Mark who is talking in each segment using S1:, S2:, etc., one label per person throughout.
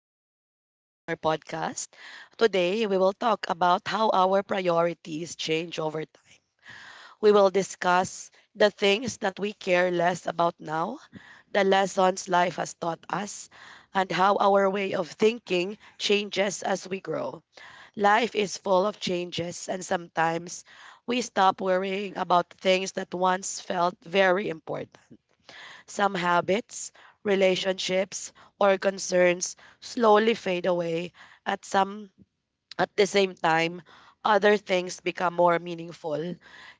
S1: and welcome back to our podcast. Today, we will talk about how our priorities change over time. We will discuss the things that we care less about now, the lessons life has taught us, and how our way of thinking changes as we grow. Life is full of changes, and sometimes we stop worrying about things that once felt very important. Some habits, relationships, or concerns slowly fade away at some at the same time other things become more meaningful.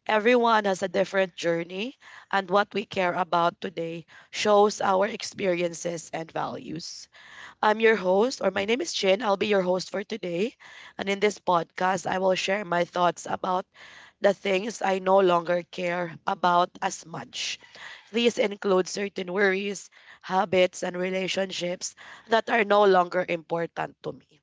S1: Everyone has a different journey, and what we care about today shows our experiences and values. I'm your host, or my name is Chin. I'll be your host for today. And in this podcast, I will share my thoughts about the things I no longer care about as much. These include certain worries, habits, and relationships that are no longer important to me.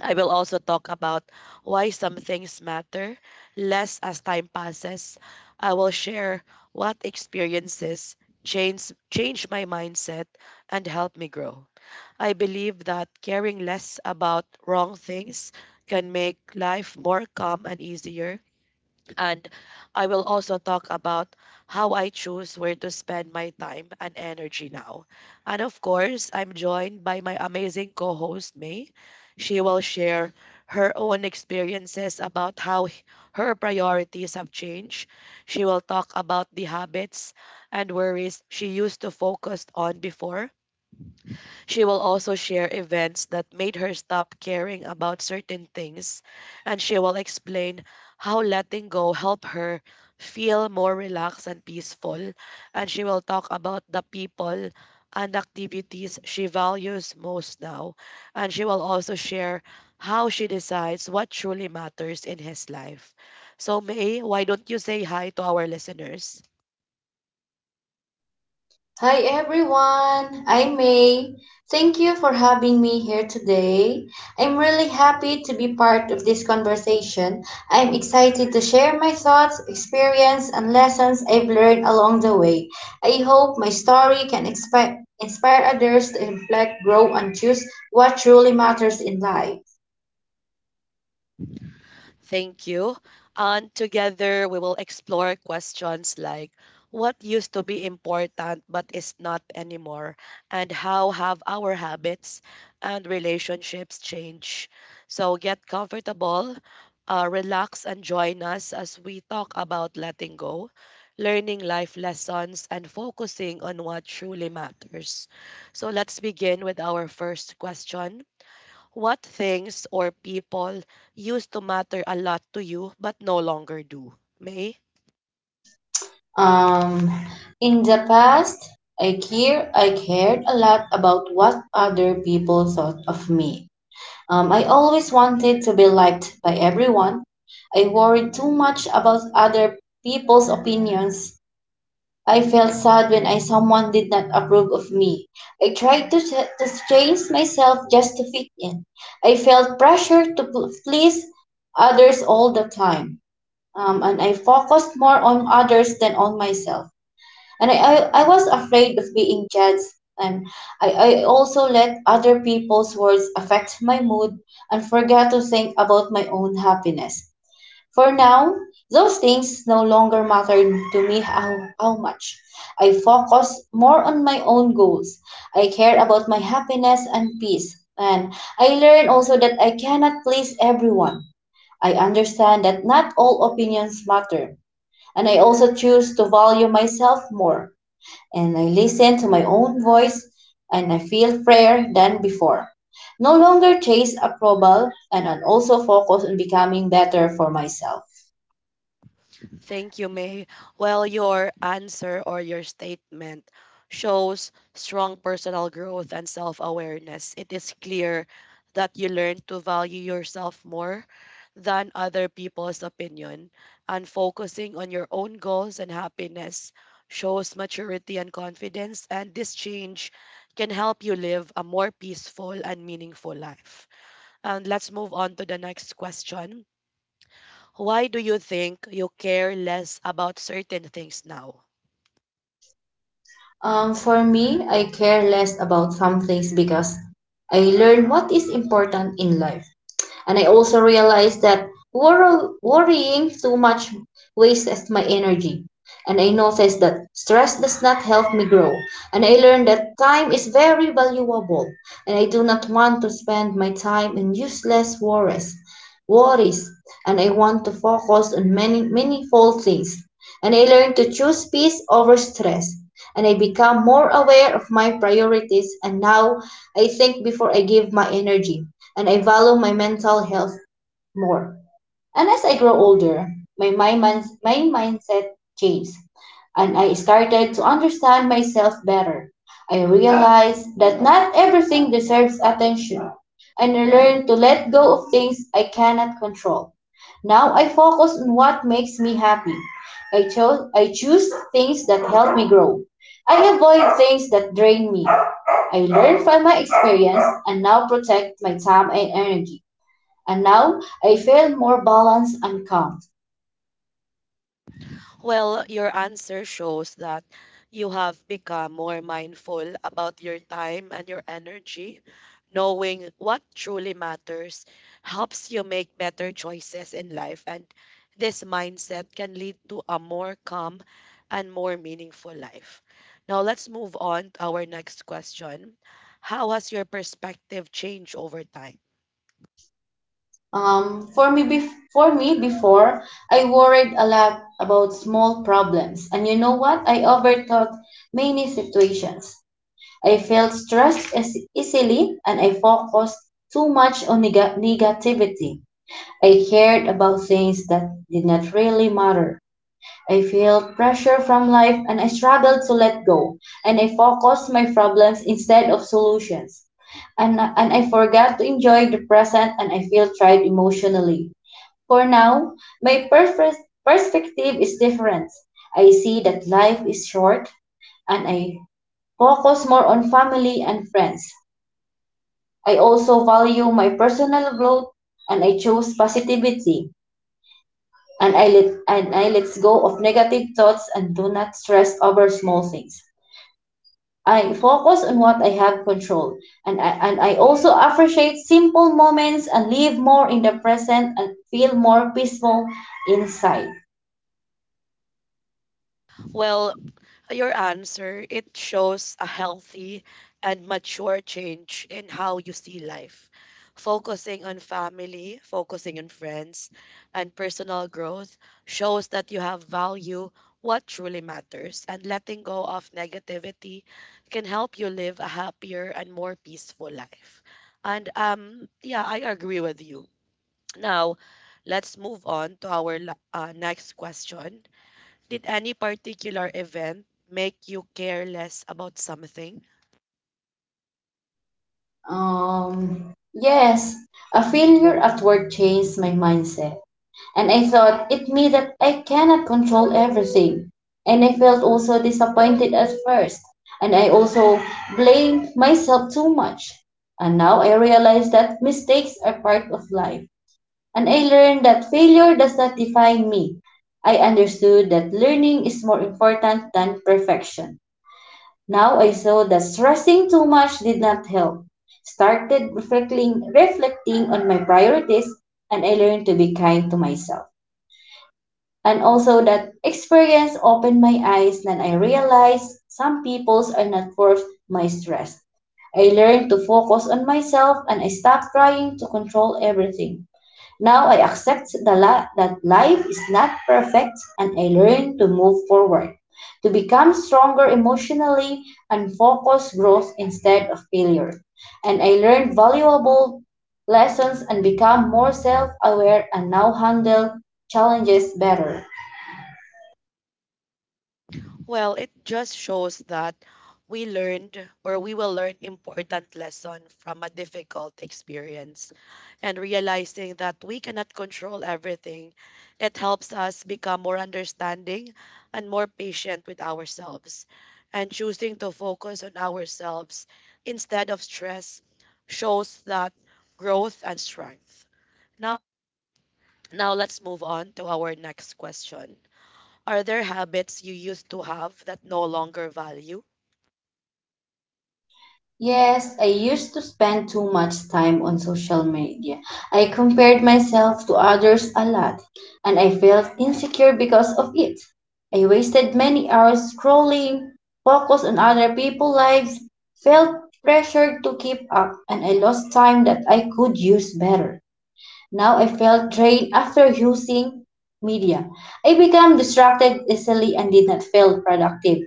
S1: I will also talk about why some things matter less as time passes. I will share what experiences change my mindset and help me grow. I believe that caring less about wrong things can make life more calm and easier, and I will also talk about how I choose where to spend my time and energy now. And of course, I'm joined by my amazing co host, May. She will share her own experiences about her priorities have changed. She will talk about the habits and worries she used to focus on before. She will also share events that made her stop caring about certain things, and she will explain how letting go helped her feel more relaxed and peaceful. And she will talk about the people and activities she values most now. And she will also share how she decides what truly matters in his life. So, May, why don't you say hi to our listeners?
S2: Hi everyone, I'm May. Thank you for having me here today. I'm really happy to be part of this conversation. I'm excited to share my thoughts, experience, and lessons I've learned along the way. I hope my story can inspire others to reflect, grow, and choose what truly matters in life.
S1: Thank you. And together we will explore questions like what used to be important but is not anymore, and how have our habits and relationships changed. So get comfortable, relax, and join us as we talk about letting go, learning life lessons, and focusing on what truly matters. So let's begin with our first question. What things or people used to matter a lot to you but no longer do? May?
S2: Um, in the past, I cared a lot about what other people thought of me. I always wanted to be liked by everyone. I worried too much about other people's opinions. I felt sad when I someone did not approve of me. I tried to change myself just to fit in. I felt pressure to please others all the time. And I focused more on others than on myself, and I was afraid of being judged, and I also let other people's words affect my mood and forgot to think about my own happiness. For now, those things no longer matter to me how much. I focus more on my own goals. I care about my happiness and peace. And I learn also that I cannot please everyone. I understand that not all opinions matter. And I also choose to value myself more, and I listen to my own voice, and I feel freer than before. No longer chase approval, and I also focus on becoming better for myself.
S1: Thank you, May. Well, your answer or your statement shows strong personal growth and self awareness. It is clear that you learn to value yourself more than other people's opinion, and focusing on your own goals and happiness shows maturity and confidence. And this change can help you live a more peaceful and meaningful life. And let's move on to the next question. Why do you think you care less about certain things now?
S2: For me, I care less about some things because I learn what is important in life. And I also realized that worrying too much wastes my energy. And I noticed that stress does not help me grow. And I learned that time is very valuable. And I do not want to spend my time in useless worries. Worries. And I want to focus on many meaningful things. And I learned to choose peace over stress. And I become more aware of my priorities. And now I think before I give my energy, and I value my mental health more. And as I grow older, my mindset changed, and I started to understand myself better. I realized that not everything deserves attention, and I learned to let go of things I cannot control. Now I focus on what makes me happy. I choose things that help me grow. I avoid things that drain me. I learn from my experience and now protect my time and energy. And now I feel more balanced and calm.
S1: Well, your answer shows that you have become more mindful about your time and your energy. Knowing what truly matters helps you make better choices in life, and this mindset can lead to a more calm and more meaningful life. Now, let's move on to our next question. How has your perspective changed over time?
S2: For me, before I worried a lot about small problems, and you know what? I overthought many situations. I felt stressed easily, and I focused too much on negativity. I cared about things that did not really matter. I felt pressure from life and I struggled to let go. And I focused my problems instead of solutions. And I forgot to enjoy the present, and I feel tried emotionally. For now, my perfect perspective is different. I see that life is short, and I focus more on family and friends. I also value my personal growth, and I choose positivity, and I let go of negative thoughts and do not stress over small things. I focus on what I have control, and I also appreciate simple moments and live more in the present and feel more peaceful inside.
S1: Well, your answer, it shows a healthy and mature change in how you see life. Focusing on family, focusing on friends, and personal growth shows that you have value what truly matters, and letting go of negativity can help you live a happier and more peaceful life. And yeah, I agree with you. Now, let's move on to our next question. Did any particular event make you care less about something?
S2: Yes, a failure at work changed my mindset. And I thought it means that I cannot control everything. And I felt also disappointed at first. And I also blamed myself too much. And now I realize that mistakes are part of life. And I learned that failure does not define me. I understood that learning is more important than perfection. Now I saw that stressing too much did not help. Started reflecting on my priorities, and I learned to be kind to myself. And also that experience opened my eyes, and I realized some peoples are not worth my stress. I learned to focus on myself, and I stopped trying to control everything. Now I accept that life is not perfect, and I learn to move forward, to become stronger emotionally and focus growth instead of failure. And I learned valuable lessons and become more self aware and now handle challenges better.
S1: Well, it just shows that we learned or we will learn important lesson from a difficult experience, and realizing that we cannot control everything, it helps us become more understanding and more patient with ourselves, and choosing to focus on ourselves instead of stress shows that growth and strength now. Now let's move on to our next question. Are there habits you used to have that no longer value?
S2: Yes, I used to spend too much time on social media. I compared myself to others a lot, and I felt insecure because of it. I wasted many hours scrolling, focused on other people's lives, felt pressured to keep up, and I lost time that I could use better. Now I felt drained after using media. I became distracted easily and did not feel productive.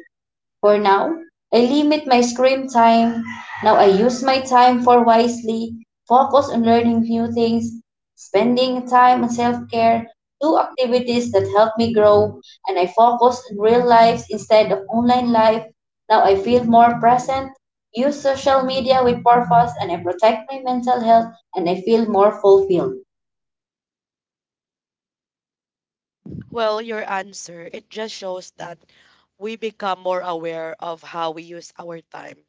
S2: For now, I limit my screen time. Now I use my time for wisely, focus on learning new things, spending time on self care, do activities that help me grow, and I focus on real life instead of online life. Now I feel more present, use social media with purpose, and I protect my mental health, and I feel more fulfilled.
S1: Well, your answer, it just shows that we become more aware of how we use our time,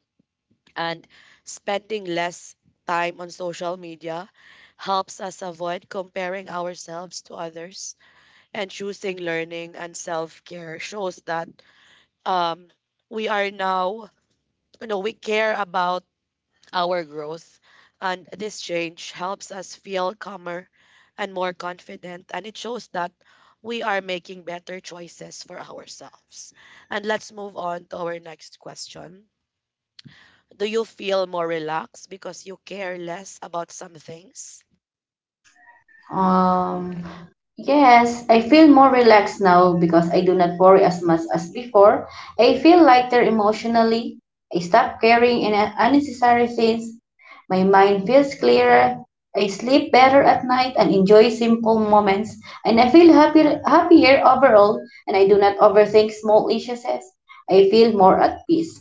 S1: and spending less time on social media helps us avoid comparing ourselves to others, and choosing learning and self-care shows that um we are now, you know, we care about our growth. And this change helps us feel calmer and more confident. And it shows that we are making better choices for ourselves. And let's move on to our next question. Do you feel more relaxed because you care less about some things?
S2: Um, Yes, I feel more relaxed now because I do not worry as much as before. I feel lighter emotionally. I stop caring in unnecessary things. My mind feels clearer. I sleep better at night and enjoy simple moments. And I feel happier overall. And I do not overthink small issues. I feel more at peace.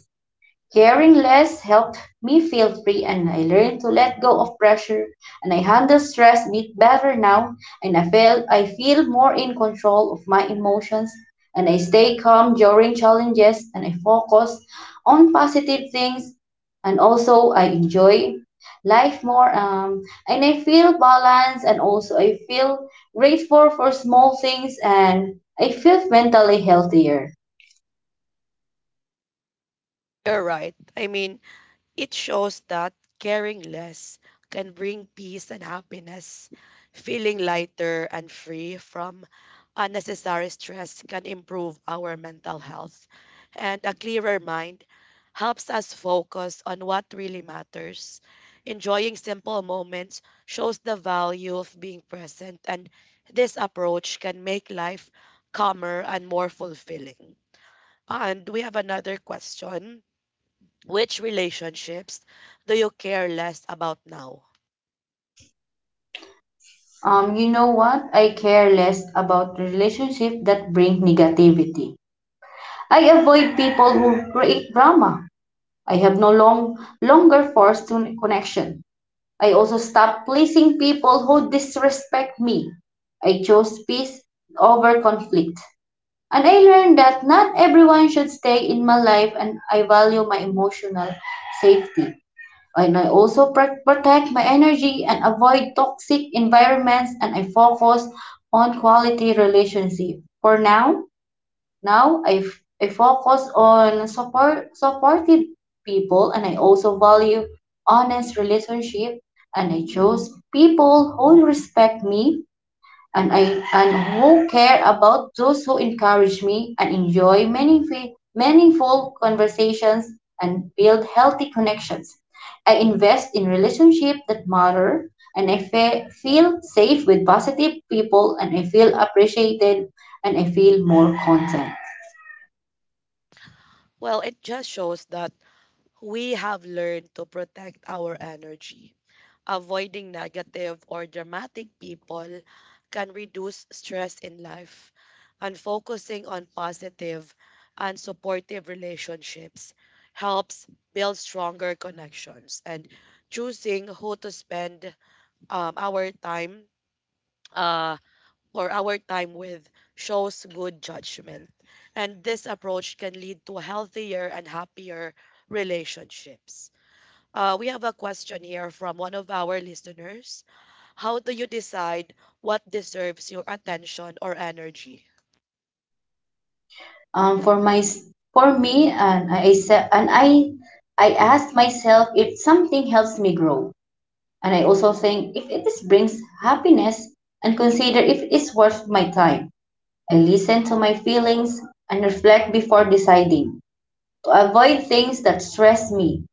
S2: Caring less helped me feel free, and I learned to let go of pressure, and I handle stress a bit better now, and I feel more in control of my emotions, and I stay calm during challenges, and I focus on positive things, and also I enjoy life more, and I feel balanced, and also I feel grateful for small things, and I feel mentally healthier.
S1: You're right. I mean, it shows that caring less can bring peace and happiness. Feeling lighter and free from unnecessary stress can improve our mental health. And a clearer mind helps us focus on what really matters. Enjoying simple moments shows the value of being present, and this approach can make life calmer and more fulfilling. And we have another question, which relationships do you care less about now?
S2: You know what? I care less about relationships that bring negativity. I avoid people who create drama. I have no longer forced to connection. I also stop pleasing people who disrespect me. I chose peace over conflict. And I learned that not everyone should stay in my life, and I value my emotional safety, and I also protect my energy and avoid toxic environments, and I focus on quality relationship. For now, now I focus on supportive people, and I also value honest relationship, and I chose people who respect me, and who care about those who encourage me and enjoy meaningful conversations and build healthy connections. I invest in relationships that matter, and feel safe with positive people, and I feel appreciated, and I feel more content.
S1: Well, it just shows that we have learned to protect our energy. Avoiding negative or dramatic people can reduce stress in life, and focusing on positive and supportive relationships helps build stronger connections. And choosing who to spend our time uh, or our time with shows good judgment. And this approach can lead to healthier and happier relationships. We have a question here from one of our listeners. How do you decide what deserves your attention or energy?
S2: Um, for my for me, and I se- and I asked myself if something helps me grow. And I also think if it is brings happiness and consider if it's worth my time. I listen to my feelings and reflect before deciding, to avoid things that stress me.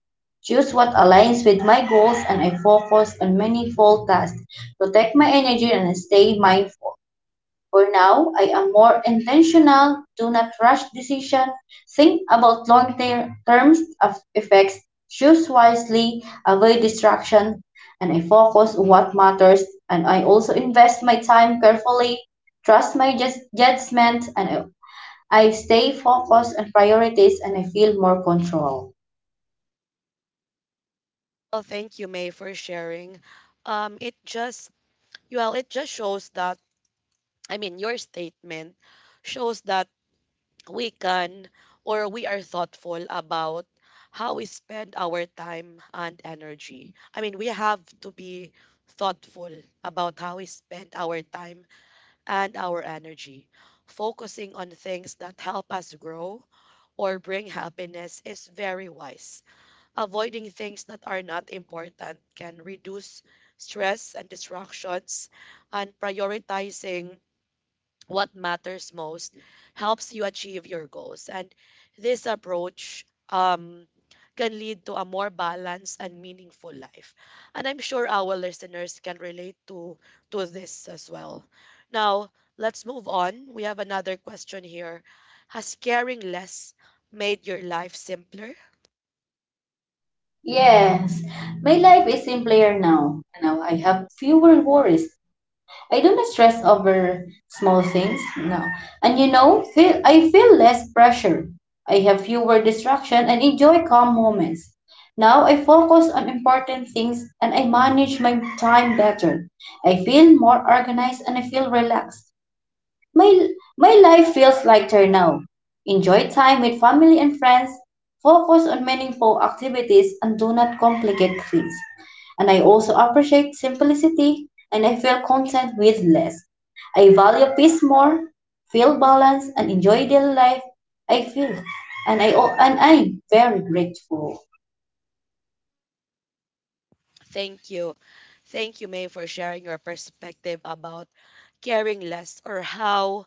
S2: Choose what aligns with my goals, and I focus on meaningful tasks, protect my energy, and stay mindful. For now, I am more intentional, do not rush decision, think about long-term terms of effects, choose wisely, avoid distraction, and I focus on what matters. And I also invest my time carefully, trust my judgment, and I stay focused on priorities, and I feel more control.
S1: Well, thank you, May, for sharing. It just Well, it just shows that, I mean, your statement shows that we can or we are thoughtful about how we spend our time and energy. I mean, we have to be thoughtful about how we spend our time and our energy. Focusing on things that help us grow or bring happiness is very wise. Avoiding things that are not important can reduce stress and distractions, and prioritizing what matters most helps you achieve your goals. And this approach, can lead to a more balanced and meaningful life. And I'm sure our listeners can relate to this as well. Now, let's move on. We have another question here. Has caring less made your life simpler?
S2: Yes, my life is simpler now. Now I have fewer worries. I don't stress over small things. No. And you know, I feel less pressure. I have fewer distractions and enjoy calm moments. Now I focus on important things, and I manage my time better. I feel more organized, and I feel relaxed. My, my life feels lighter now. Enjoy time with family and friends, focus on meaningful activities, and do not complicate things. And I also appreciate simplicity, and I feel content with less. I value peace more, feel balanced, and enjoy daily life. I feel, and I and I'm very grateful.
S1: Thank you. Thank you, May, for sharing your perspective about caring less, or how,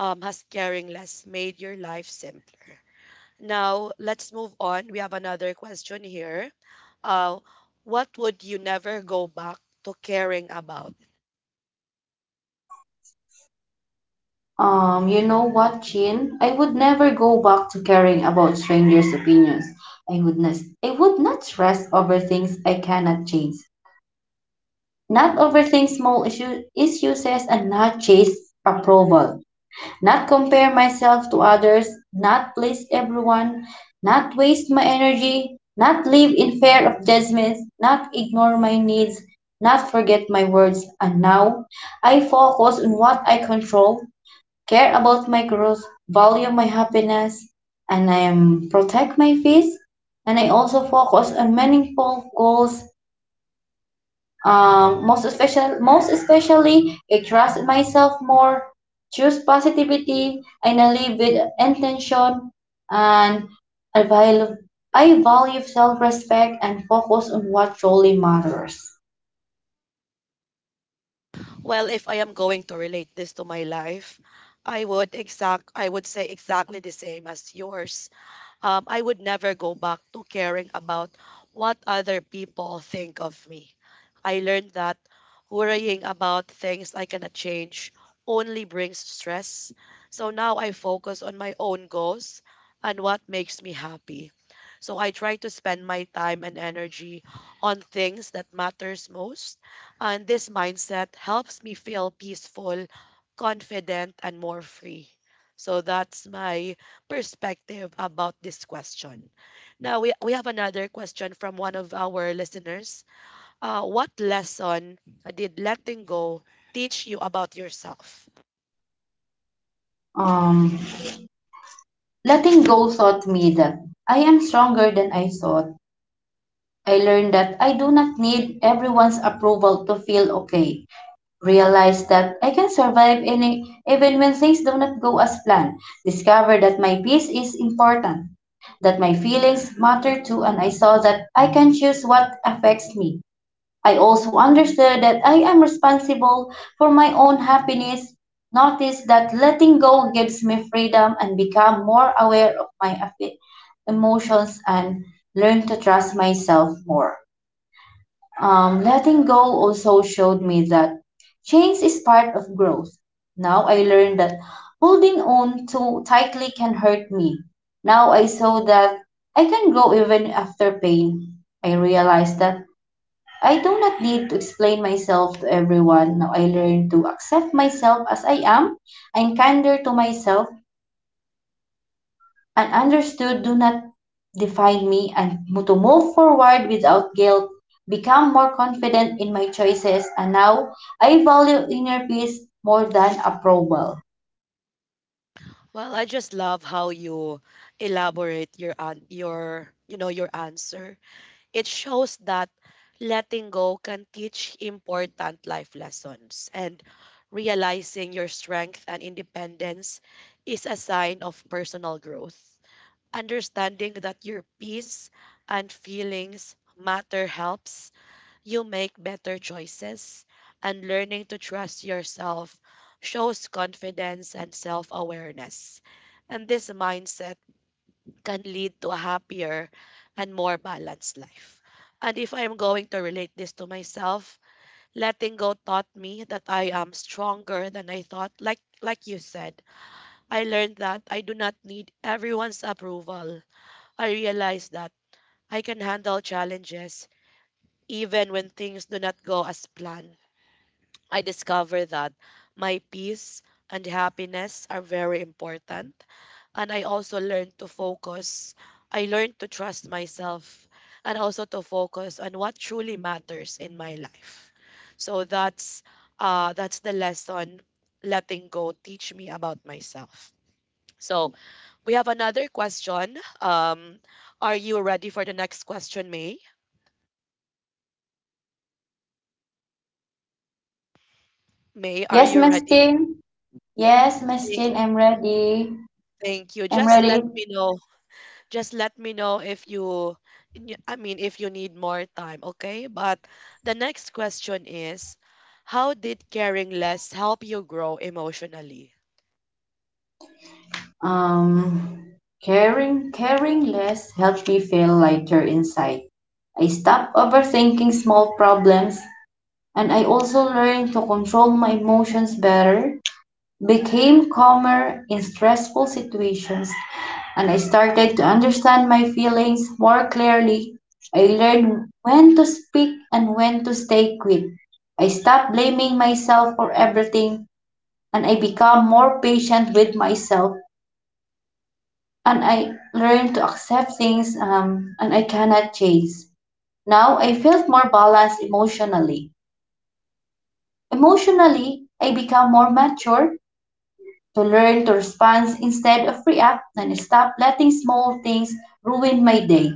S1: has caring less made your life simpler. Now, let's move on. We have another question here. Uh, what would you never go back to caring about?
S2: You know what, Chin? I would never go back to caring about strangers' opinions. I would not, I would not stress over things I cannot change. Not overthink issues, and not chase approval. Not compare myself to others, not please everyone, not waste my energy, not live in fear of judgments, not ignore my needs, not forget my words. And now I focus on what I control, care about my growth, value my happiness, and I am protect my peace. And I also focus on meaningful goals. Most especially, I trust myself more, choose positivity, and I live with intention. And I value, I value self-respect and focus on what truly matters.
S1: Well, if I am going to relate this to my life, I would exact I would say exactly the same as yours. I would never go back to caring about what other people think of me. I learned that worrying about things I cannot change only brings stress. So now I focus on my own goals and what makes me happy. So I try to spend my time and energy on things that matters most, and this mindset helps me feel peaceful, confident, and more free. So that's my perspective about this question. Now we have another question from one of our listeners. What lesson did letting go teach you about yourself?
S2: Um, Letting go taught me that I am stronger than I thought. I learned that I do not need everyone's approval to feel okay. Realize that I can survive any, even when things do not go as planned. Discover that my peace is important, that my feelings matter too, and I saw that I can choose what affects me. I also understood that I am responsible for my own happiness. Notice that letting go gives me freedom and become more aware of my emotions and learn to trust myself more. Letting go also showed me that change is part of growth. Now I learned that holding on too tightly can hurt me. Now I saw that I can grow even after pain. I realized that I do not need to explain myself to everyone. Now I learned to accept myself as I am. I'm kinder to myself and understood do not define me and to move forward without guilt, become more confident in my choices, and now I value inner peace more than approval.
S1: Well, I just love how you elaborate your, you know, your answer. It shows that letting go can teach important life lessons, and realizing your strength and independence is a sign of personal growth. Understanding that your peace and feelings matter helps you make better choices, and learning to trust yourself shows confidence and self awareness. And this mindset can lead to a happier and more balanced life. And if I'm going to relate this to myself, letting go taught me that I am stronger than I thought. Like you said, I learned that I do not need everyone's approval. I realized that I can handle challenges even when things do not go as planned. I discovered that my peace and happiness are very important. And I also learned to focus. I learned to trust myself and also to focus on what truly matters in my life. So that's the lesson letting go teach me about myself. So we have another question. Are you ready for the next question, May? May, are
S2: Yes,
S1: you
S2: Miss
S1: ready?
S2: Jane. Yes, Miss
S1: Th-
S2: Jane, I'm ready.
S1: thank you.
S2: I'm
S1: Just let
S2: ready.
S1: me know, if I mean, if you need more time, okay? But the next question is, how did caring less help you grow emotionally?
S2: Um, caring less helps me feel lighter inside. I stop overthinking small problems and I also learn to control my emotions better became calmer in stressful situations and I started to understand my feelings more clearly. I learned when to speak and when to stay quiet. I stopped blaming myself for everything and I become more patient with myself and I learned to accept things and I cannot change. Now I felt more balanced emotionally. Emotionally, I become more mature to learn to respond instead of react and stop letting small things ruin my day.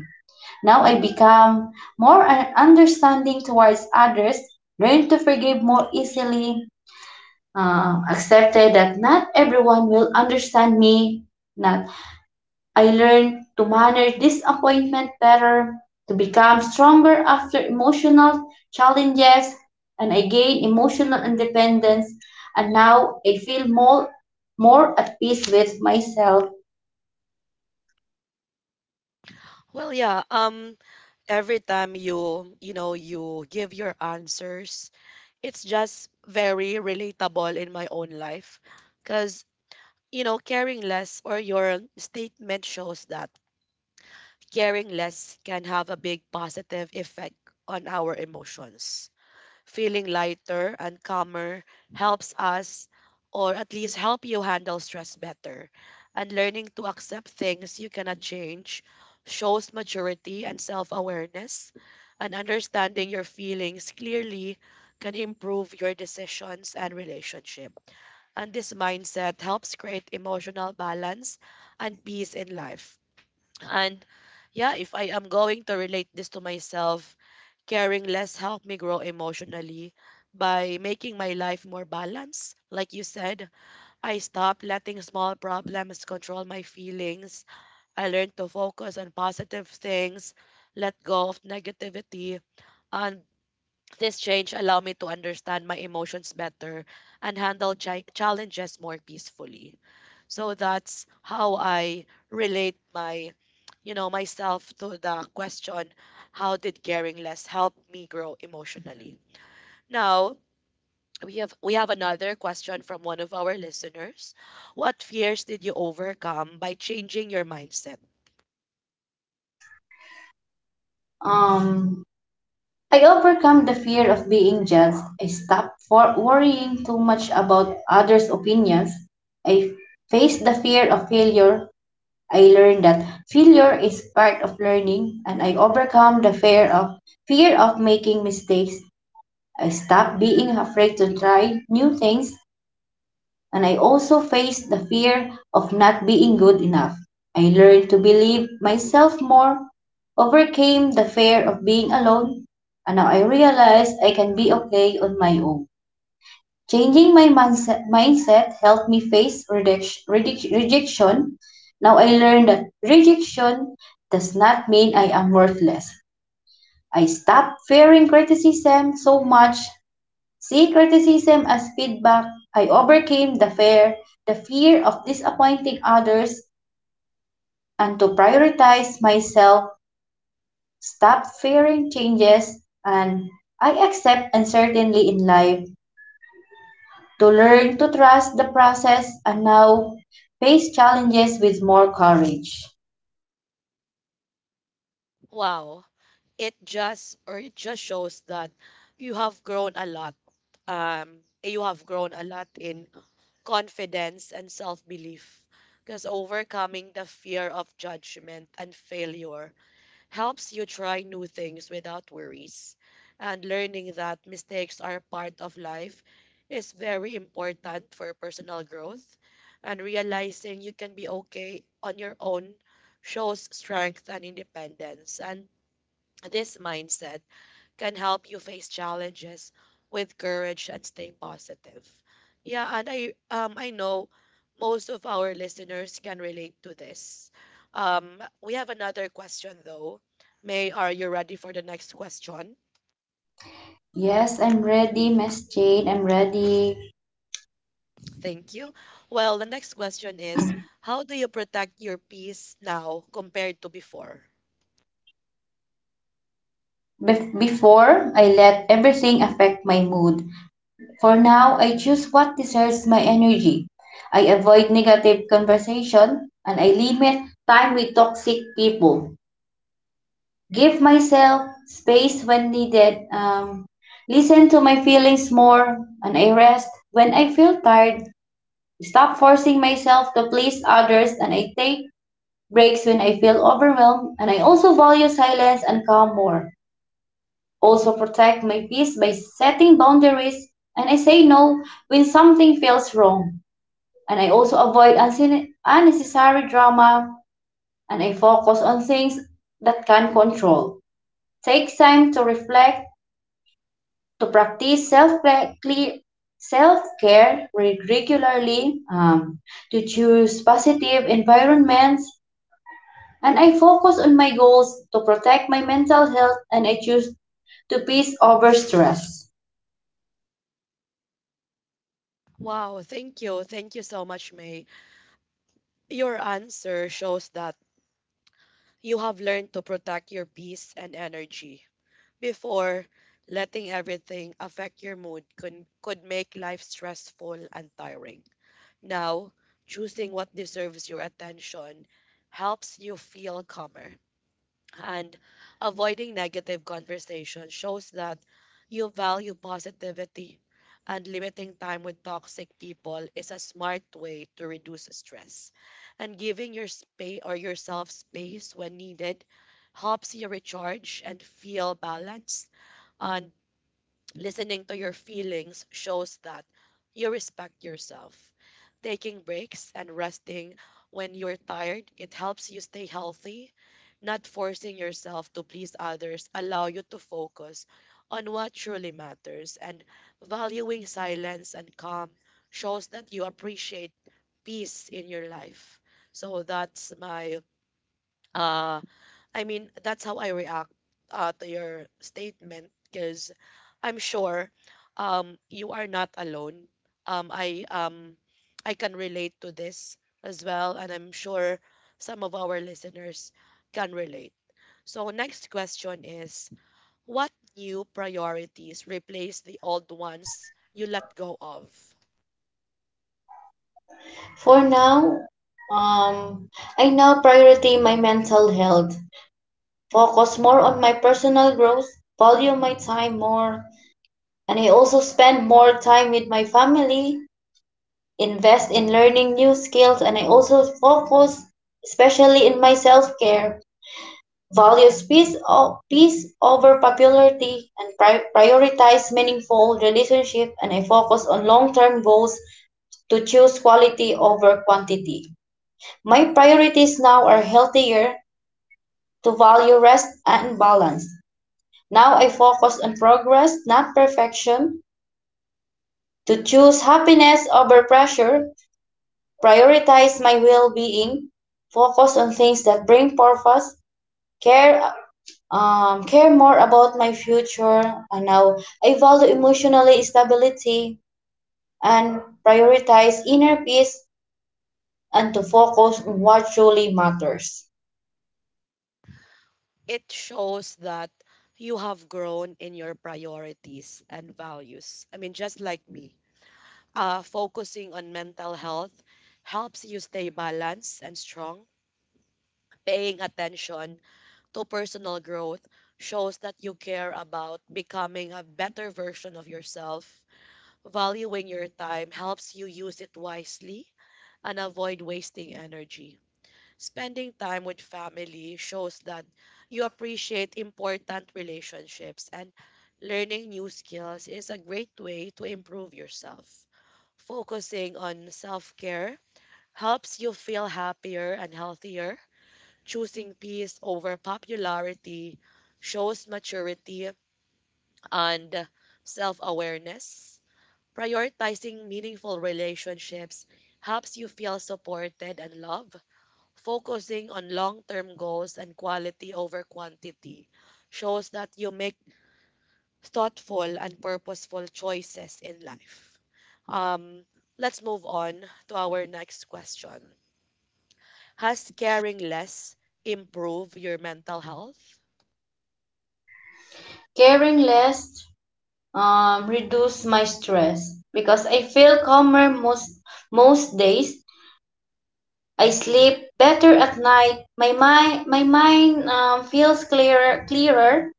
S2: Now I become more understanding towards others, learn to forgive more easily, accepted that not everyone will understand me, not I learned to manage disappointment better, to become stronger after emotional challenges, and I gained emotional independence. And now I feel more, more at peace with myself.
S1: Well, yeah, every time you, you know, you give your answers, it's just very relatable in my own life, cuz, you know, caring less or your statement shows that caring less can have a big positive effect on our emotions, feeling lighter and calmer helps us, or at least help you handle stress better. And learning to accept things you cannot change shows maturity and self-awareness. And understanding your feelings clearly can improve your decisions and relationship. And this mindset helps create emotional balance and peace in life. And yeah, if I am going to relate this to myself, caring less helped me grow emotionally by making my life more balanced. Like you said, I stopped letting small problems control my feelings. I learned to focus on positive things, let go of negativity, and this change allowed me to understand my emotions better and handle challenges more peacefully. So that's how I relate my myself to the question, how did caring less help me grow emotionally? Now, we have another question from one of our listeners. What fears did you overcome by changing your mindset?
S2: Um, I overcome the fear of being judged. I stopped for worrying too much about others' opinions. I faced the fear of failure I learned that failure is part of learning and I overcome the fear of making mistakes. I stopped being afraid to try new things and I also faced the fear of not being good enough. I learned to believe myself more, overcame the fear of being alone, and now I realize I can be okay on my own. Changing my mindset helped me face rejection. Now I learned that rejection does not mean I am worthless. I stopped fearing criticism so much. See criticism as feedback. I overcame the fear of disappointing others, and to prioritize myself. Stop fearing changes, and I accept uncertainty in life. To learn to trust the process and now face challenges with more courage.
S1: Wow. It just shows that you have grown a lot um you have grown a lot in confidence and self-belief, because overcoming the fear of judgment and failure helps you try new things without worries, and learning that mistakes are part of life is very important for personal growth, and realizing you can be okay on your own shows strength and independence, and this mindset can help you face challenges with courage and stay positive. Yeah, and I know most of our listeners can relate to this. We have another question though. May, are you ready for the next question?
S2: Yes, I'm ready, Miss Jane. I'm ready.
S1: Thank you. Well, the next question is, how do you protect your peace now compared to before?
S2: Before, I let everything affect my mood. For now, I choose what deserves my energy. I avoid negative conversation and I limit time with toxic people. Give myself space when needed. Listen to my feelings more and I rest when I feel tired stop forcing myself to please others and I take breaks when I feel overwhelmed and I also value silence and calm more. Also protect my peace by setting boundaries and I say no when something feels wrong. And I also avoid unnecessary drama and I focus on things that can control. Take time to reflect to practice self care regularly, to choose positive environments, and I focus on my goals to protect my mental health and I choose to peace over stress.
S1: Wow, thank you. Thank you so much, May. Your answer shows that you have learned to protect your peace and energy. Before, letting everything affect your mood could make life stressful and tiring. Now, choosing what deserves your attention helps you feel calmer, and avoiding negative conversation shows that you value positivity, and limiting time with toxic people is a smart way to reduce stress, and giving your space or yourself space when needed helps you recharge and feel balanced, and listening to your feelings shows that you respect yourself. Taking breaks and resting when you're tired, it helps you stay healthy. Not forcing yourself to please others allow you to focus on what truly matters, and valuing silence and calm shows that you appreciate peace in your life. So that's my uh I mean, that's how I react to your statement, because I'm sure you are not alone. Um, I um, I can relate to this as well, and I'm sure some of our listeners can relate. So next question is, what new priorities replace the old ones you let go of?
S2: For now, um, I now priority my mental health, focus more on my personal growth, value my time more, and I also spend more time with my family invest in learning new skills and I also focus especially in my self-care, values peace, peace over popularity and prioritize meaningful relationship and I focus on long-term goals to choose quality over quantity. My priorities now are healthier to value rest and balance. Now I focus on progress, not perfection, to choose happiness over pressure Prioritize my well-being, focus on things that bring purpose, care care more about my future and now I value emotionally stability and prioritize inner peace and to focus on what truly matters.
S1: It shows that you have grown in your priorities and values. I mean, just like me. Focusing on mental health helps you stay balanced and strong. Paying attention to personal growth shows that you care about becoming a better version of yourself. Valuing your time helps you use it wisely and avoid wasting energy. Spending time with family shows that you appreciate important relationships, and learning new skills is a great way to improve yourself. Focusing on self care helps you feel happier and healthier. Choosing peace over popularity shows maturity and self awareness. Prioritizing meaningful relationships helps you feel supported and loved. Focusing on long term goals and quality over quantity shows that you make thoughtful and purposeful choices in life. Um, let's move on to our next question. Has caring less improve your mental health?
S2: Caring less reduce my stress because I feel calmer most days. I sleep better at night. My mind feels clearer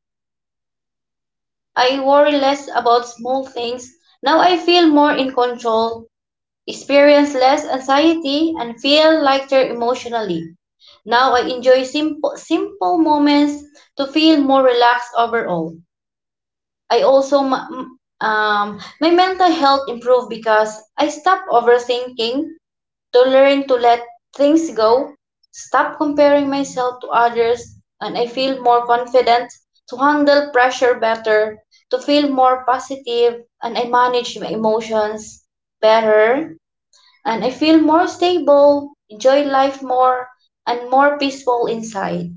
S2: I worry less about small things. Now I feel more in control, experience less anxiety, and feel lighter emotionally. Now I enjoy simple moments to feel more relaxed overall. I also, my mental health improved because I stopped overthinking To learn to let things go, stop comparing myself to others, and I feel more confident to handle pressure better, to feel more positive, and I manage my emotions better, and I feel more stable, enjoy life more, and more peaceful inside.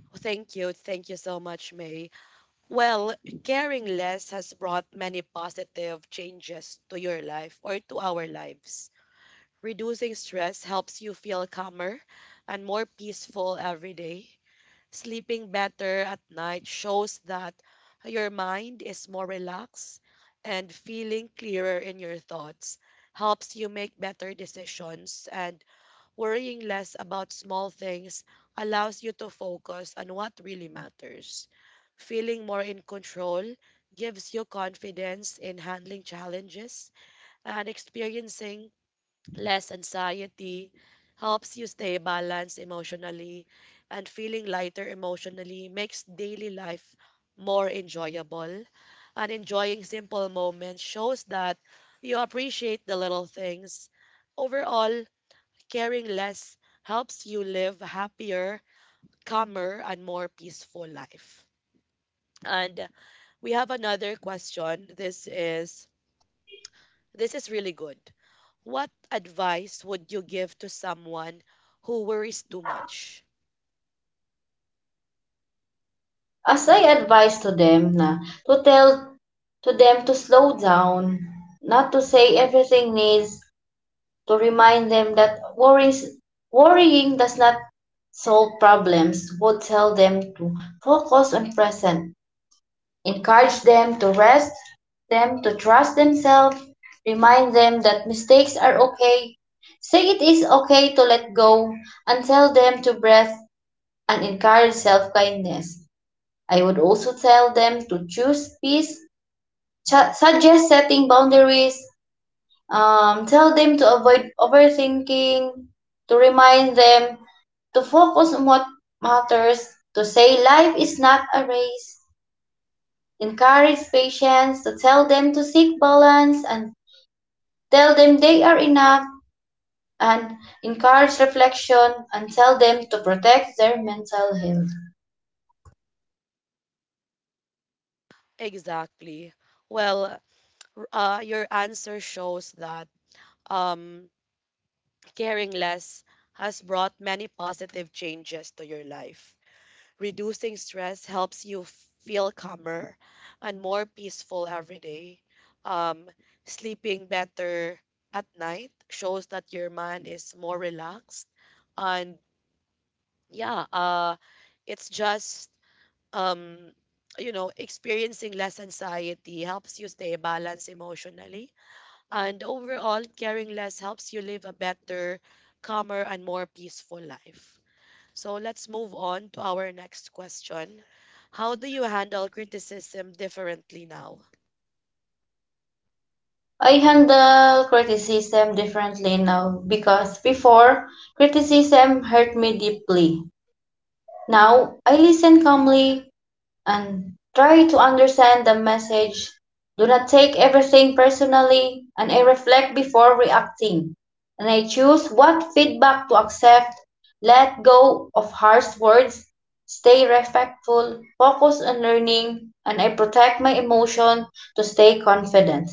S1: Oh, thank you. Thank you so much, May. Well, caring less has brought many positive changes to your life or to our lives. Reducing stress helps you feel calmer and more peaceful every day. Sleeping better at night shows that your mind is more relaxed, and feeling clearer in your thoughts helps you make better decisions. And worrying less about small things allows you to focus on what really matters. Feeling more in control gives you confidence in handling challenges, and experiencing less anxiety helps you stay balanced emotionally, and feeling lighter emotionally makes daily life more enjoyable. And enjoying simple moments shows that you appreciate the little things. Overall, caring less helps you live happier, calmer, and more peaceful life. And we have another question. This is really good. What advice would you give to someone who worries too much?
S2: As I advise to them na to tell to them to slow down, not to say everything needs to remind them that worrying does not solve problems would tell them to focus on present, encourage them to rest, them to trust themselves, remind them that mistakes are okay, say it is okay to let go, and tell them to breathe and encourage self-kindness. I would also tell them to choose peace, suggest setting boundaries, tell them to avoid overthinking, to remind them to focus on what matters, to say life is not a race, encourage patience, to tell them to seek balance and tell them they are enough, and encourage reflection and tell them to protect their mental health.
S1: Exactly. Well, your answer shows that um, caring less has brought many positive changes to your life. Reducing stress helps you feel calmer and more peaceful every day. Um, Sleeping better at night shows that your mind is more relaxed. And yeah, it's just, um, you know, experiencing less anxiety helps you stay balanced emotionally. And overall, caring less helps you live a better, calmer, and more peaceful life. So let's move on to our next question. How do you handle criticism differently now?
S2: I handle criticism differently now because before criticism hurt me deeply. Now I listen calmly and try to understand the message. Do not take everything personally, and I reflect before reacting. And I choose what feedback to accept, let go of harsh words, stay respectful, focus on learning, and I protect my emotion to stay confident.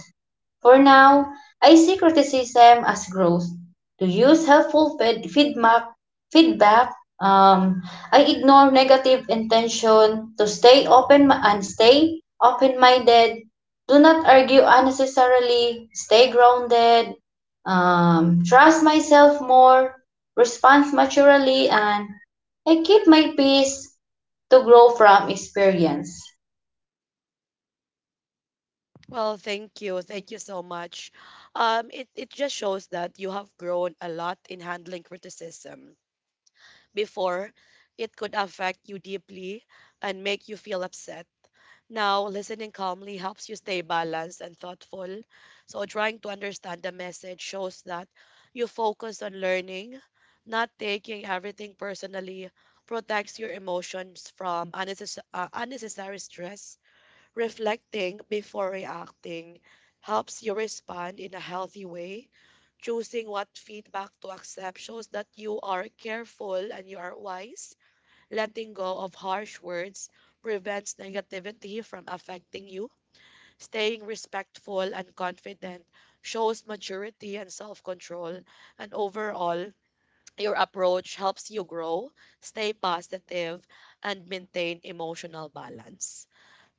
S2: For now, I see criticism as growth. To use helpful feedback. um, I ignore negative intention to stay open and stay open-minded. Do not argue unnecessarily. Stay grounded. Trust myself more. Respond maturely and I keep my peace to grow from experience.
S1: Well, thank you. Thank you so much. It just shows that you have grown a lot in handling criticism. Before, it could affect you deeply and make you feel upset. Now, listening calmly helps you stay balanced and thoughtful. So, trying to understand the message shows that you focus on learning, not taking everything personally, protects your emotions from unnecessary stress. Reflecting before reacting helps you respond in a healthy way. Choosing what feedback to accept shows that you are careful and you are wise. Letting go of harsh words prevents negativity from affecting you. Staying respectful and confident shows maturity and self control. And overall, your approach helps you grow, stay positive, and maintain emotional balance.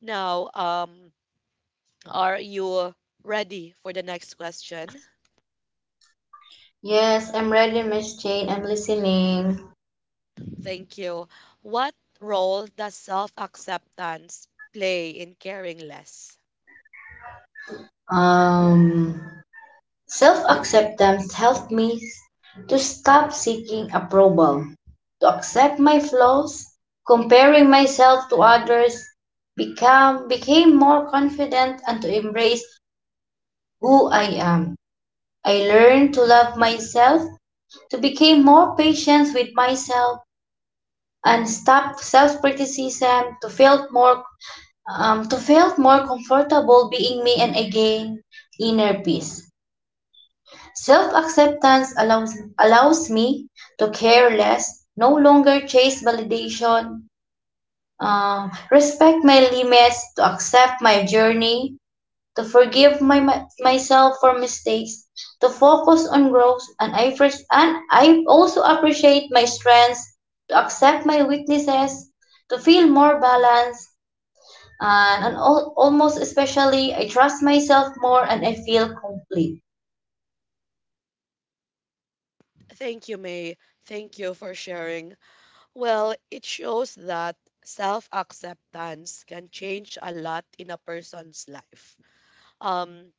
S1: Now, are you ready for the next question?
S2: Yes, I'm ready, Miss Jane. I'm listening.
S1: Thank you. What role does self acceptance play in caring less?
S2: Um, Self-acceptance helped me to stop seeking approval, to accept my flaws, comparing myself to others, become became more confident and to embrace who I am. I learned to love myself, to become more patient with myself and stop self-criticism, to feel more comfortable being me and again inner peace. Self acceptance allows me to care less, no longer chase validation, respect my limits, to accept my journey, to forgive myself for mistakes, to focus on growth, and I also appreciate my strengths, to accept my weaknesses, to feel more balanced, almost especially, I trust myself more and I feel complete.
S1: Thank you, May. Thank you for sharing. Well, it shows that self acceptance can change a lot in a person's life. Um,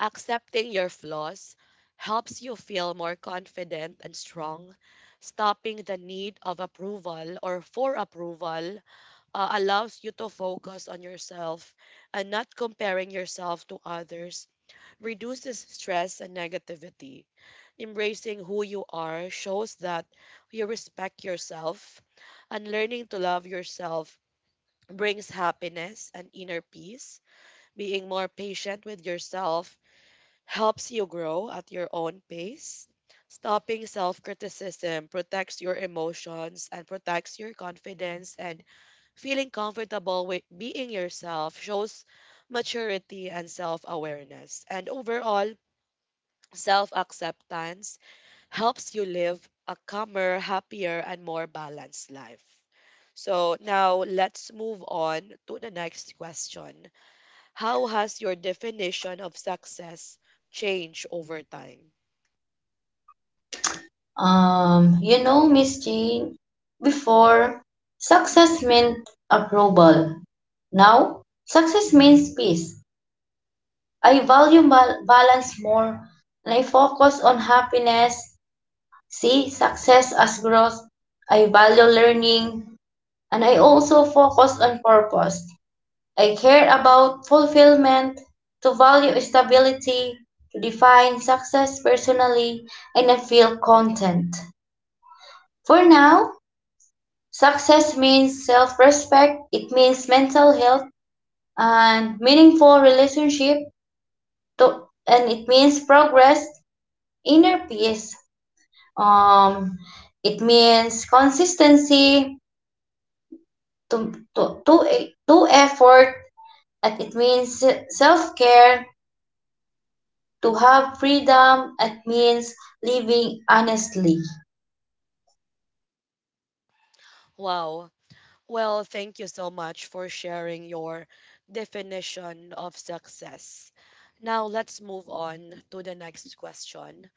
S1: Accepting your flaws helps you feel more confident and strong. Stopping the need of approval or for approval allows you to focus on yourself, and not comparing yourself to others, reduces stress and negativity. Embracing who you are shows that you respect yourself, and learning to love yourself brings happiness and inner peace. Being more patient with yourself helps you grow at your own pace. Stopping self criticism protects your emotions and protects your confidence, and feeling comfortable with being yourself shows maturity and self awareness. And overall, self acceptance helps you live a calmer, happier, and more balanced life. So now let's move on to the next question. How has your definition of success changed over time?
S2: You know, Miss Jane, before success meant approval. Now, success means peace. I value balance more and I focus on happiness. See success as growth. I value learning and I also focus on purpose. I care about fulfillment, to value stability, to define success personally, and I feel content. For now, Success means self-respect, it means mental health and meaningful relationship, to, and it means progress, inner peace. Um, it means consistency to effort, and it means self-care, to have freedom, it means living honestly.
S1: Wow. Well, thank you so much for sharing your definition of success. Now let's move on to the next question.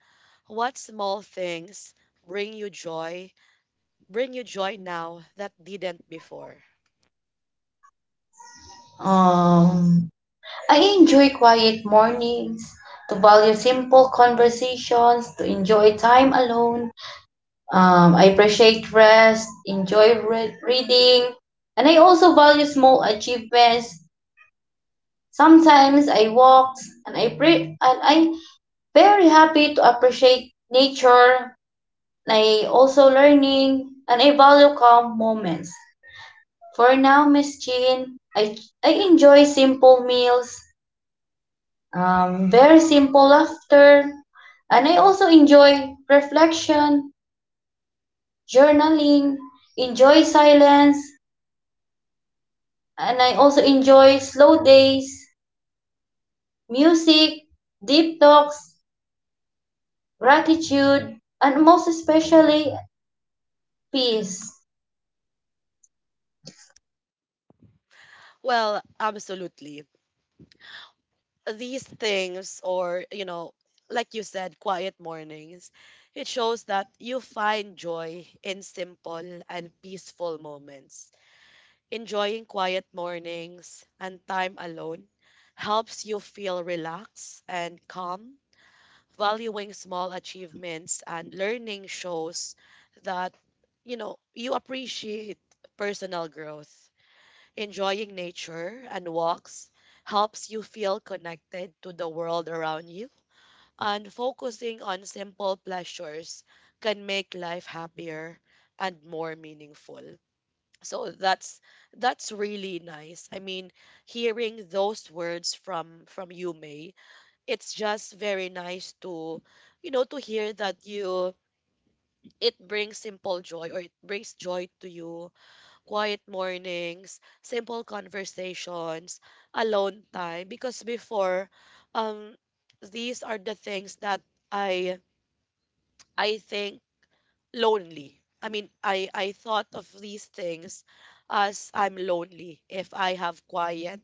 S1: What small things bring you joy? Bring you joy now that didn't before?
S2: Um, I enjoy quiet mornings, to value simple conversations, to enjoy time alone, I appreciate rest, enjoy reading, and I also value small achievements. Sometimes I walk, and I very happy to appreciate nature. And I also learning, and I value calm moments. For now, Miss Jean, I enjoy simple meals, very simple laughter, and I also enjoy reflection, journaling, enjoy silence and I also enjoy slow days, music, deep talks, gratitude, and most especially peace.
S1: Well, absolutely. These things, or, you know, like you said, quiet mornings, it shows that you find joy in simple and peaceful moments. Enjoying quiet mornings and time alone helps you feel relaxed and calm. Valuing small achievements and learning shows that, you know, you appreciate personal growth. Enjoying nature and walks helps you feel connected to the world around you, and focusing on simple pleasures can make life happier and more meaningful. So that's really nice. I mean, hearing those words from you, May, it's just very nice to, you know, to hear that you it brings simple joy or it brings joy to you: quiet mornings, simple conversations, alone time, because before um these are the things that I I think lonely. I mean, I thought of these things as I'm lonely if I have quiet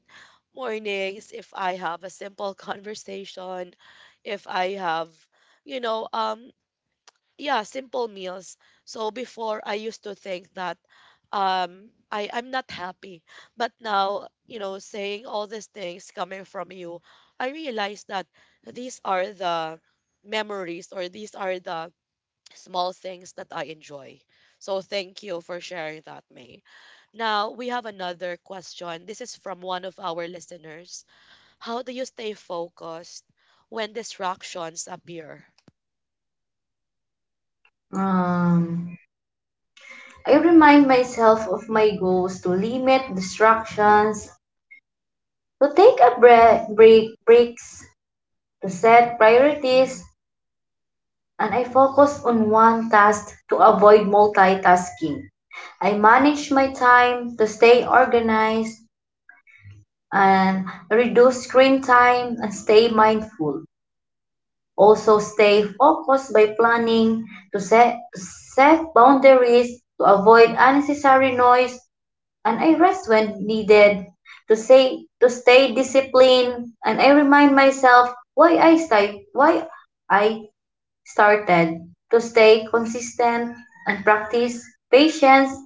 S1: mornings, if I have a simple conversation, if I have you know um yeah, simple meals. So before I used to think that I'm not happy. But now, you know, saying all these things coming from you, I realize that these are the memories, or these are the small things that I enjoy. So thank you for sharing that, May. Now, we have another question. This is from one of our listeners. How do you stay focused when distractions appear?
S2: Um, I remind myself of my goals to limit distractions, to take a breaks, to set priorities, and I focus on one task to avoid multitasking. I manage my time to stay organized and reduce screen time and stay mindful. Also stay focused by planning to set boundaries to avoid unnecessary noise and I rest when needed to say to stay disciplined and I remind myself why I started to stay consistent and practice patience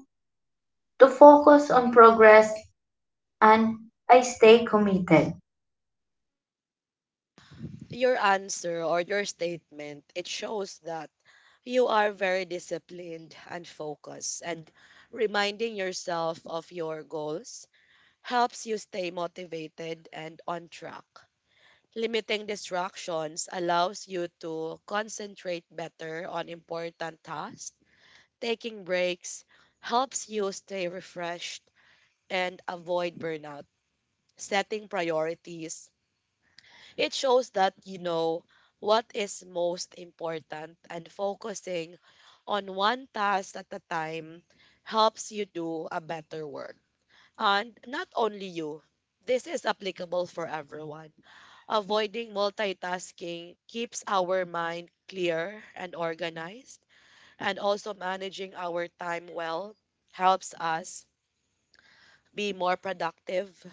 S2: to focus on progress and I stay committed.
S1: Your answer or your statement, it shows that you are very disciplined and focused. And reminding yourself of your goals helps you stay motivated and on track. Limiting distractions allows you to concentrate better on important tasks. Taking breaks helps you stay refreshed and avoid burnout. Setting priorities, it shows that you know what is most important, and focusing on one task at a time helps you do a better work. And not only you, this is applicable for everyone. Avoiding multitasking keeps our mind clear and organized, and also managing our time well helps us be more productive.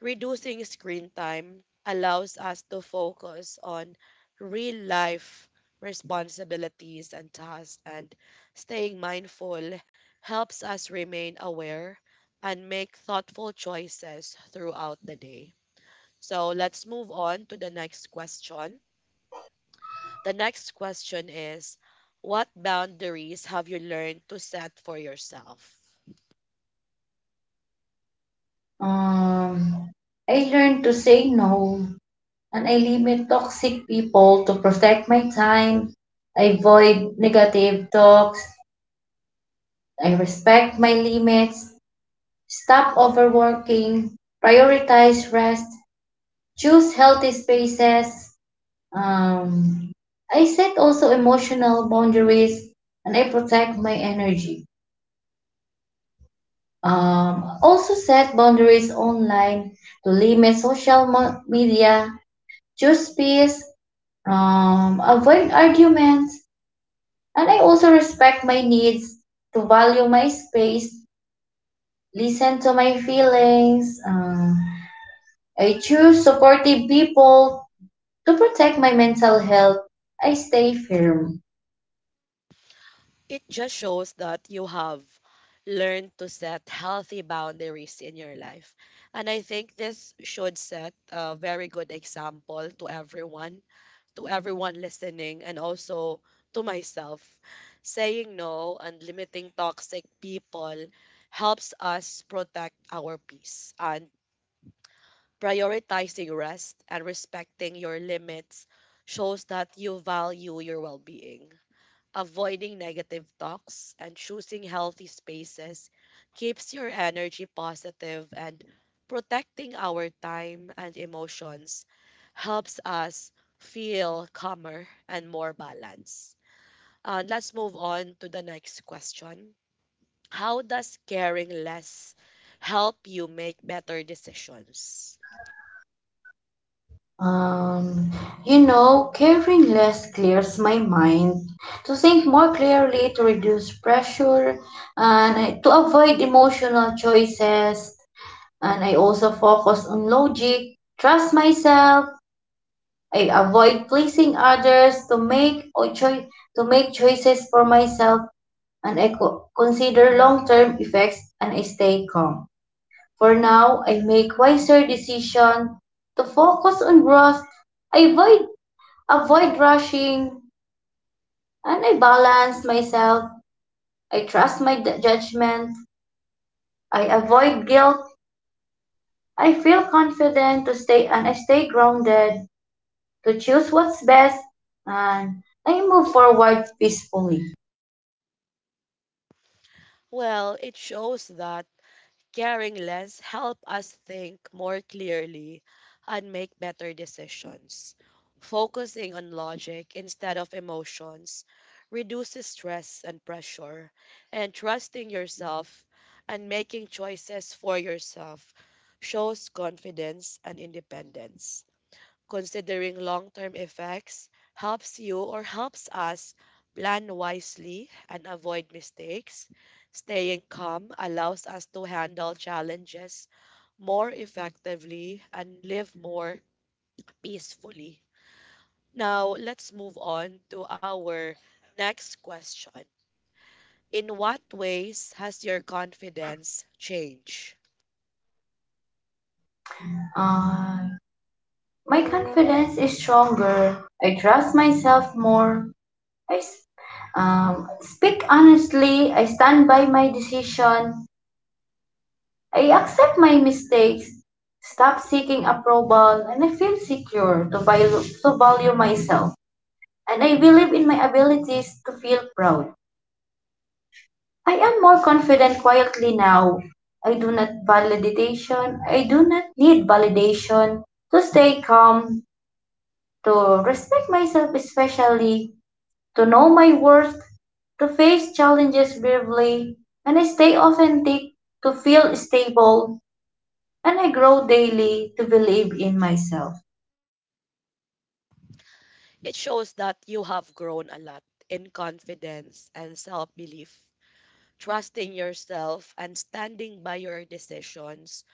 S1: Reducing screen time allows us to focus on real life responsibilities and tasks, and staying mindful helps us remain aware and make thoughtful choices throughout the day. So let's move on to the next question. The next question is, what boundaries have you learned to set for yourself?
S2: Um, I learn to say no and I limit toxic people to protect my time. I avoid negative talks. I respect my limits. Stop overworking. Prioritize rest. Choose healthy spaces. Um, I set also emotional boundaries and I protect my energy. Also set boundaries online to limit social media. Choose peace. Avoid arguments And I also respect my needs, to value my space, listen to my feelings. I choose supportive people to protect my mental health. I stay firm.
S1: It just shows that you have learned to set healthy boundaries in your life. And I think this should set a very good example to everyone listening, and also to myself. Saying no and limiting toxic people helps us protect our peace. And prioritizing rest and respecting your limits shows that you value your well being. Avoiding negative talks and choosing healthy spaces keeps your energy positive, and protecting our time and emotions helps us feel calmer and more balanced. And let's move on to the next question. How does caring less help you make better decisions?
S2: Um, you know, caring less clears my mind to think more clearly, to reduce pressure, to avoid emotional choices. And I also focus on logic, trust myself, I avoid pleasing others to make choices for myself and I consider long-term effects and I stay calm. For now, I make wiser decisions to focus on growth. I avoid rushing and I balance myself. I trust my judgment. I avoid guilt. I stay grounded to choose what's best and I move forward peacefully.
S1: Well, it shows that caring less help us think more clearly and make better decisions. Focusing on logic instead of emotions reduces stress and pressure, and trusting yourself and making choices for yourself shows confidence and independence. Considering long term effects helps you or helps us plan wisely and avoid mistakes. Staying calm allows us to handle challenges more effectively and live more peacefully. Now, let's move on to our next question. In what ways has your confidence changed?
S2: Uh, my confidence is stronger. I trust myself more. I speak honestly. I stand by my decision. I accept my mistakes. Stop seeking approval, and I feel secure to value myself. And I believe in my abilities to feel proud. I am more confident quietly now. I do not need validation to stay calm to respect myself, especially to know my worth, to face challenges bravely, and I stay authentic to feel stable, and I grow daily to believe in myself.
S1: It shows that you have grown a lot in confidence and self belief. Trusting yourself and standing by your decisions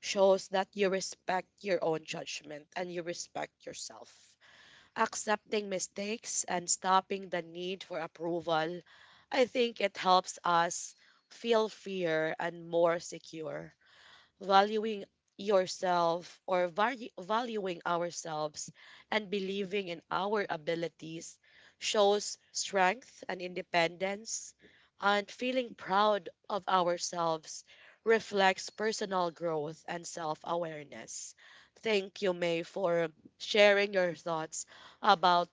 S1: shows that you respect your own judgment and you respect yourself. Accepting mistakes and stopping the need for approval, I think it helps us feel freer and more secure. Valuing yourself or valuing ourselves and believing in our abilities shows strength and independence, and feeling proud of ourselves reflects personal growth and self-awareness. Thank you, May, for sharing your thoughts about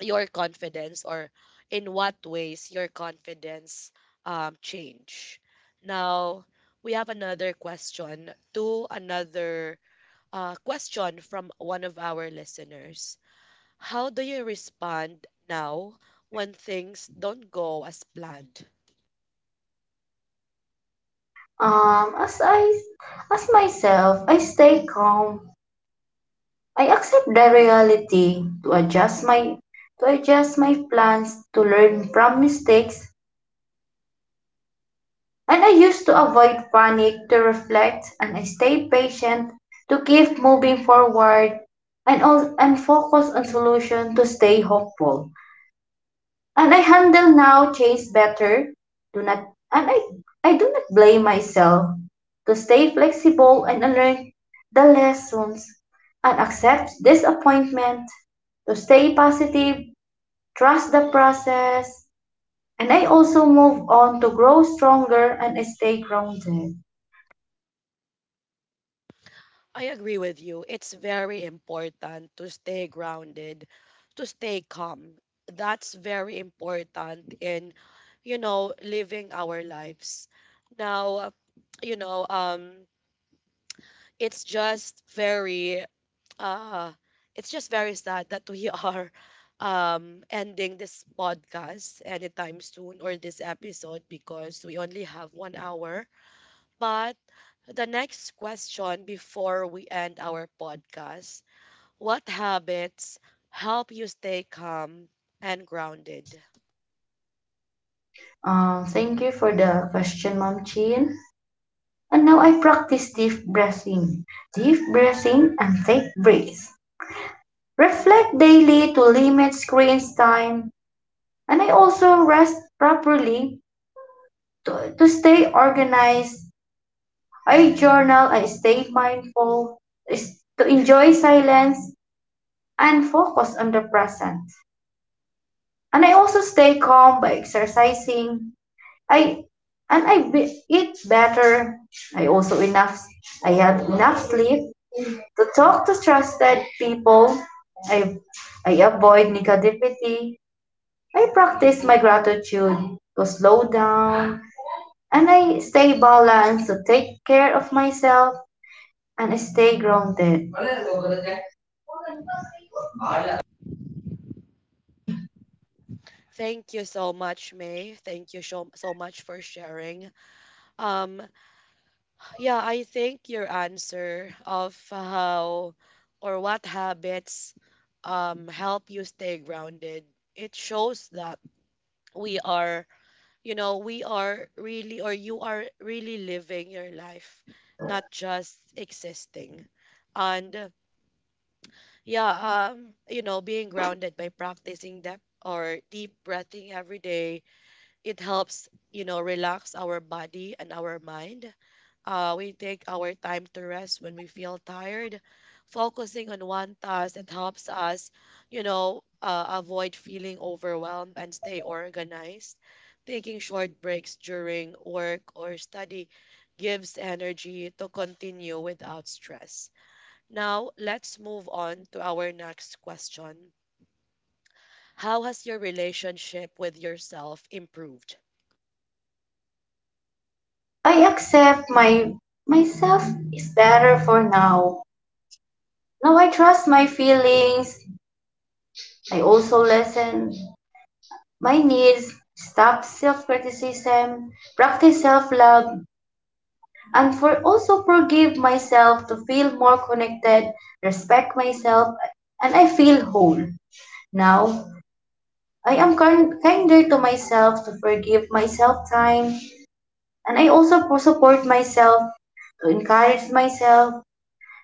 S1: your confidence, or in what ways your confidence change. Now, we have another question, to another question from one of our listeners. How do you respond now when things don't go as planned?
S2: Um, as I as myself, I stay calm. I accept the reality to adjust my plans to learn from mistakes And I used to avoid panic to reflect and I stayed patient to keep moving forward and focus on solution to stay hopeful. And I handle now change better. Do not and I do not blame myself to stay flexible and learn the lessons and accept disappointment to stay positive, trust the process, and I also move on to grow stronger and stay grounded.
S1: I agree with you. It's very important to stay grounded, to stay calm. That's very important in, you know, living our lives. Now, you know, it's just very, uh, it's just very sad that we are ending this podcast anytime soon, or this episode, because we only have 1 hour. But the next question before we end our podcast: what habits help you stay calm and grounded?
S2: Thank you for the question, Mom Chin. And now I practice deep breathing and take breath. Reflect daily to limit screen time, and I also rest properly to stay organized. I journal, I stay mindful, is to enjoy silence and focus on the present. And I also stay calm by exercising, I and I be, eat better. I also enough I have enough sleep to talk to trusted people. I I avoid negativity. I practice my gratitude to slow down and I stay balanced to take care of myself and stay grounded.
S1: Thank you so much, May. Thank you so, so much for sharing. Um, yeah, I think your answer of how or what habits help you stay grounded, it shows that we are, you know, we are really, or you are really living your life, not just existing. And yeah, you know, being grounded by practicing depth, or deep breathing every day, it helps, you know, relax our body and our mind. We take our time to rest when we feel tired. Focusing on one task, it helps us, you know, avoid feeling overwhelmed and stay organized. Taking short breaks during work or study gives energy to continue without stress. Now, let's move on to our next question. How has your relationship with yourself improved?
S2: I accept my myself is better for now. Now I trust my feelings. I also listen My needs, stop self-criticism, practice self-love, and for also forgive myself to feel more connected, respect myself, and I feel whole. Now, I am kinder to myself to forgive myself time, and I also for support myself to encourage myself,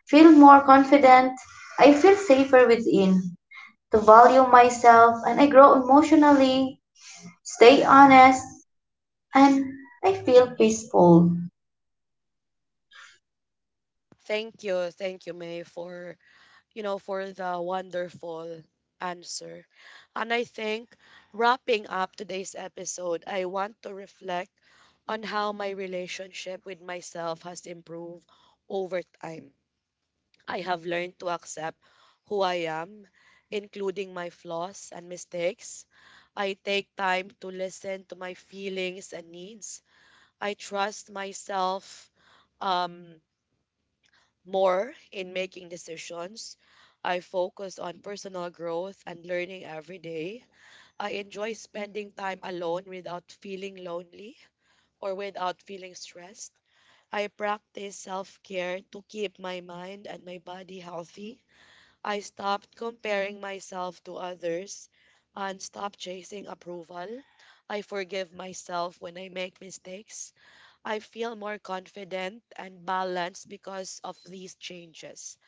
S2: feel more confident, I feel safer within, to value myself, and I grow emotionally, stay honest, and I feel peaceful.
S1: Thank you, May, for, you know, for the wonderful answer. And I think, wrapping up today's episode, I want to reflect on how my relationship with myself has improved over time. I have learned to accept who I am, including my flaws and mistakes. I take time to listen to my feelings and needs. I trust myself um, more in making decisions. I focus on personal growth and learning every day. I enjoy spending time alone without feeling lonely or without feeling stressed. I practice self care to keep my mind and my body healthy. I stopped comparing myself to others and stopped chasing approval. I forgive myself when I make mistakes. I feel more confident and balanced because of these changes.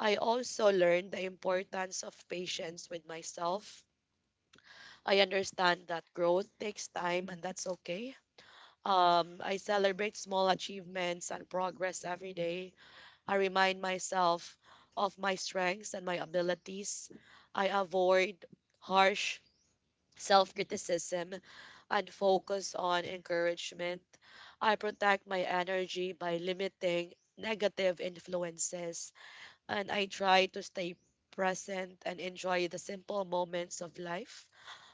S1: I also learned the importance of patience with myself. I understand that growth takes time and that's okay. I celebrate small achievements and progress every day. I remind myself of my strengths and my abilities. I avoid harsh self criticism and focus on encouragement. I protect my energy by limiting negative influences, and I try to stay present and enjoy the simple moments of life.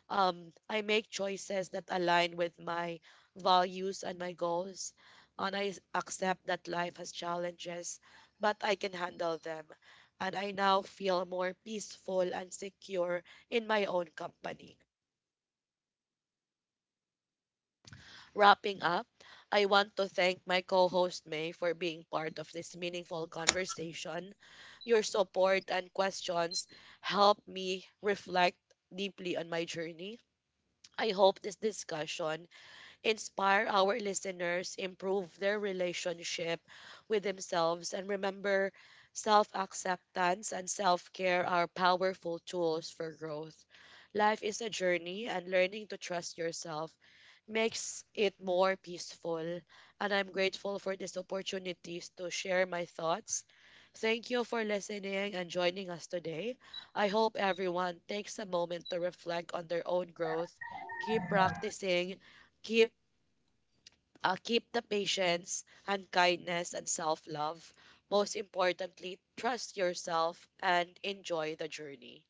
S1: I make choices that align with my values and my goals, and accept that life has challenges, but I can handle them. And I now feel more peaceful and secure in my own company. Wrapping up, I want to thank my co host May for being part of this meaningful conversation. Your support and questions help me reflect deeply on my journey. I hope this discussion inspire our listeners, improve their relationship with themselves, and remember, self acceptance and self care are powerful tools for growth. Life is a journey, and learning to trust yourself makes it more peaceful. And I'm grateful for this opportunity to share my thoughts. Thank you for listening and joining us today. I hope everyone takes a moment to reflect on their own growth, keep practicing, keep keep the patience and kindness and self love. Most importantly, trust yourself and enjoy the journey.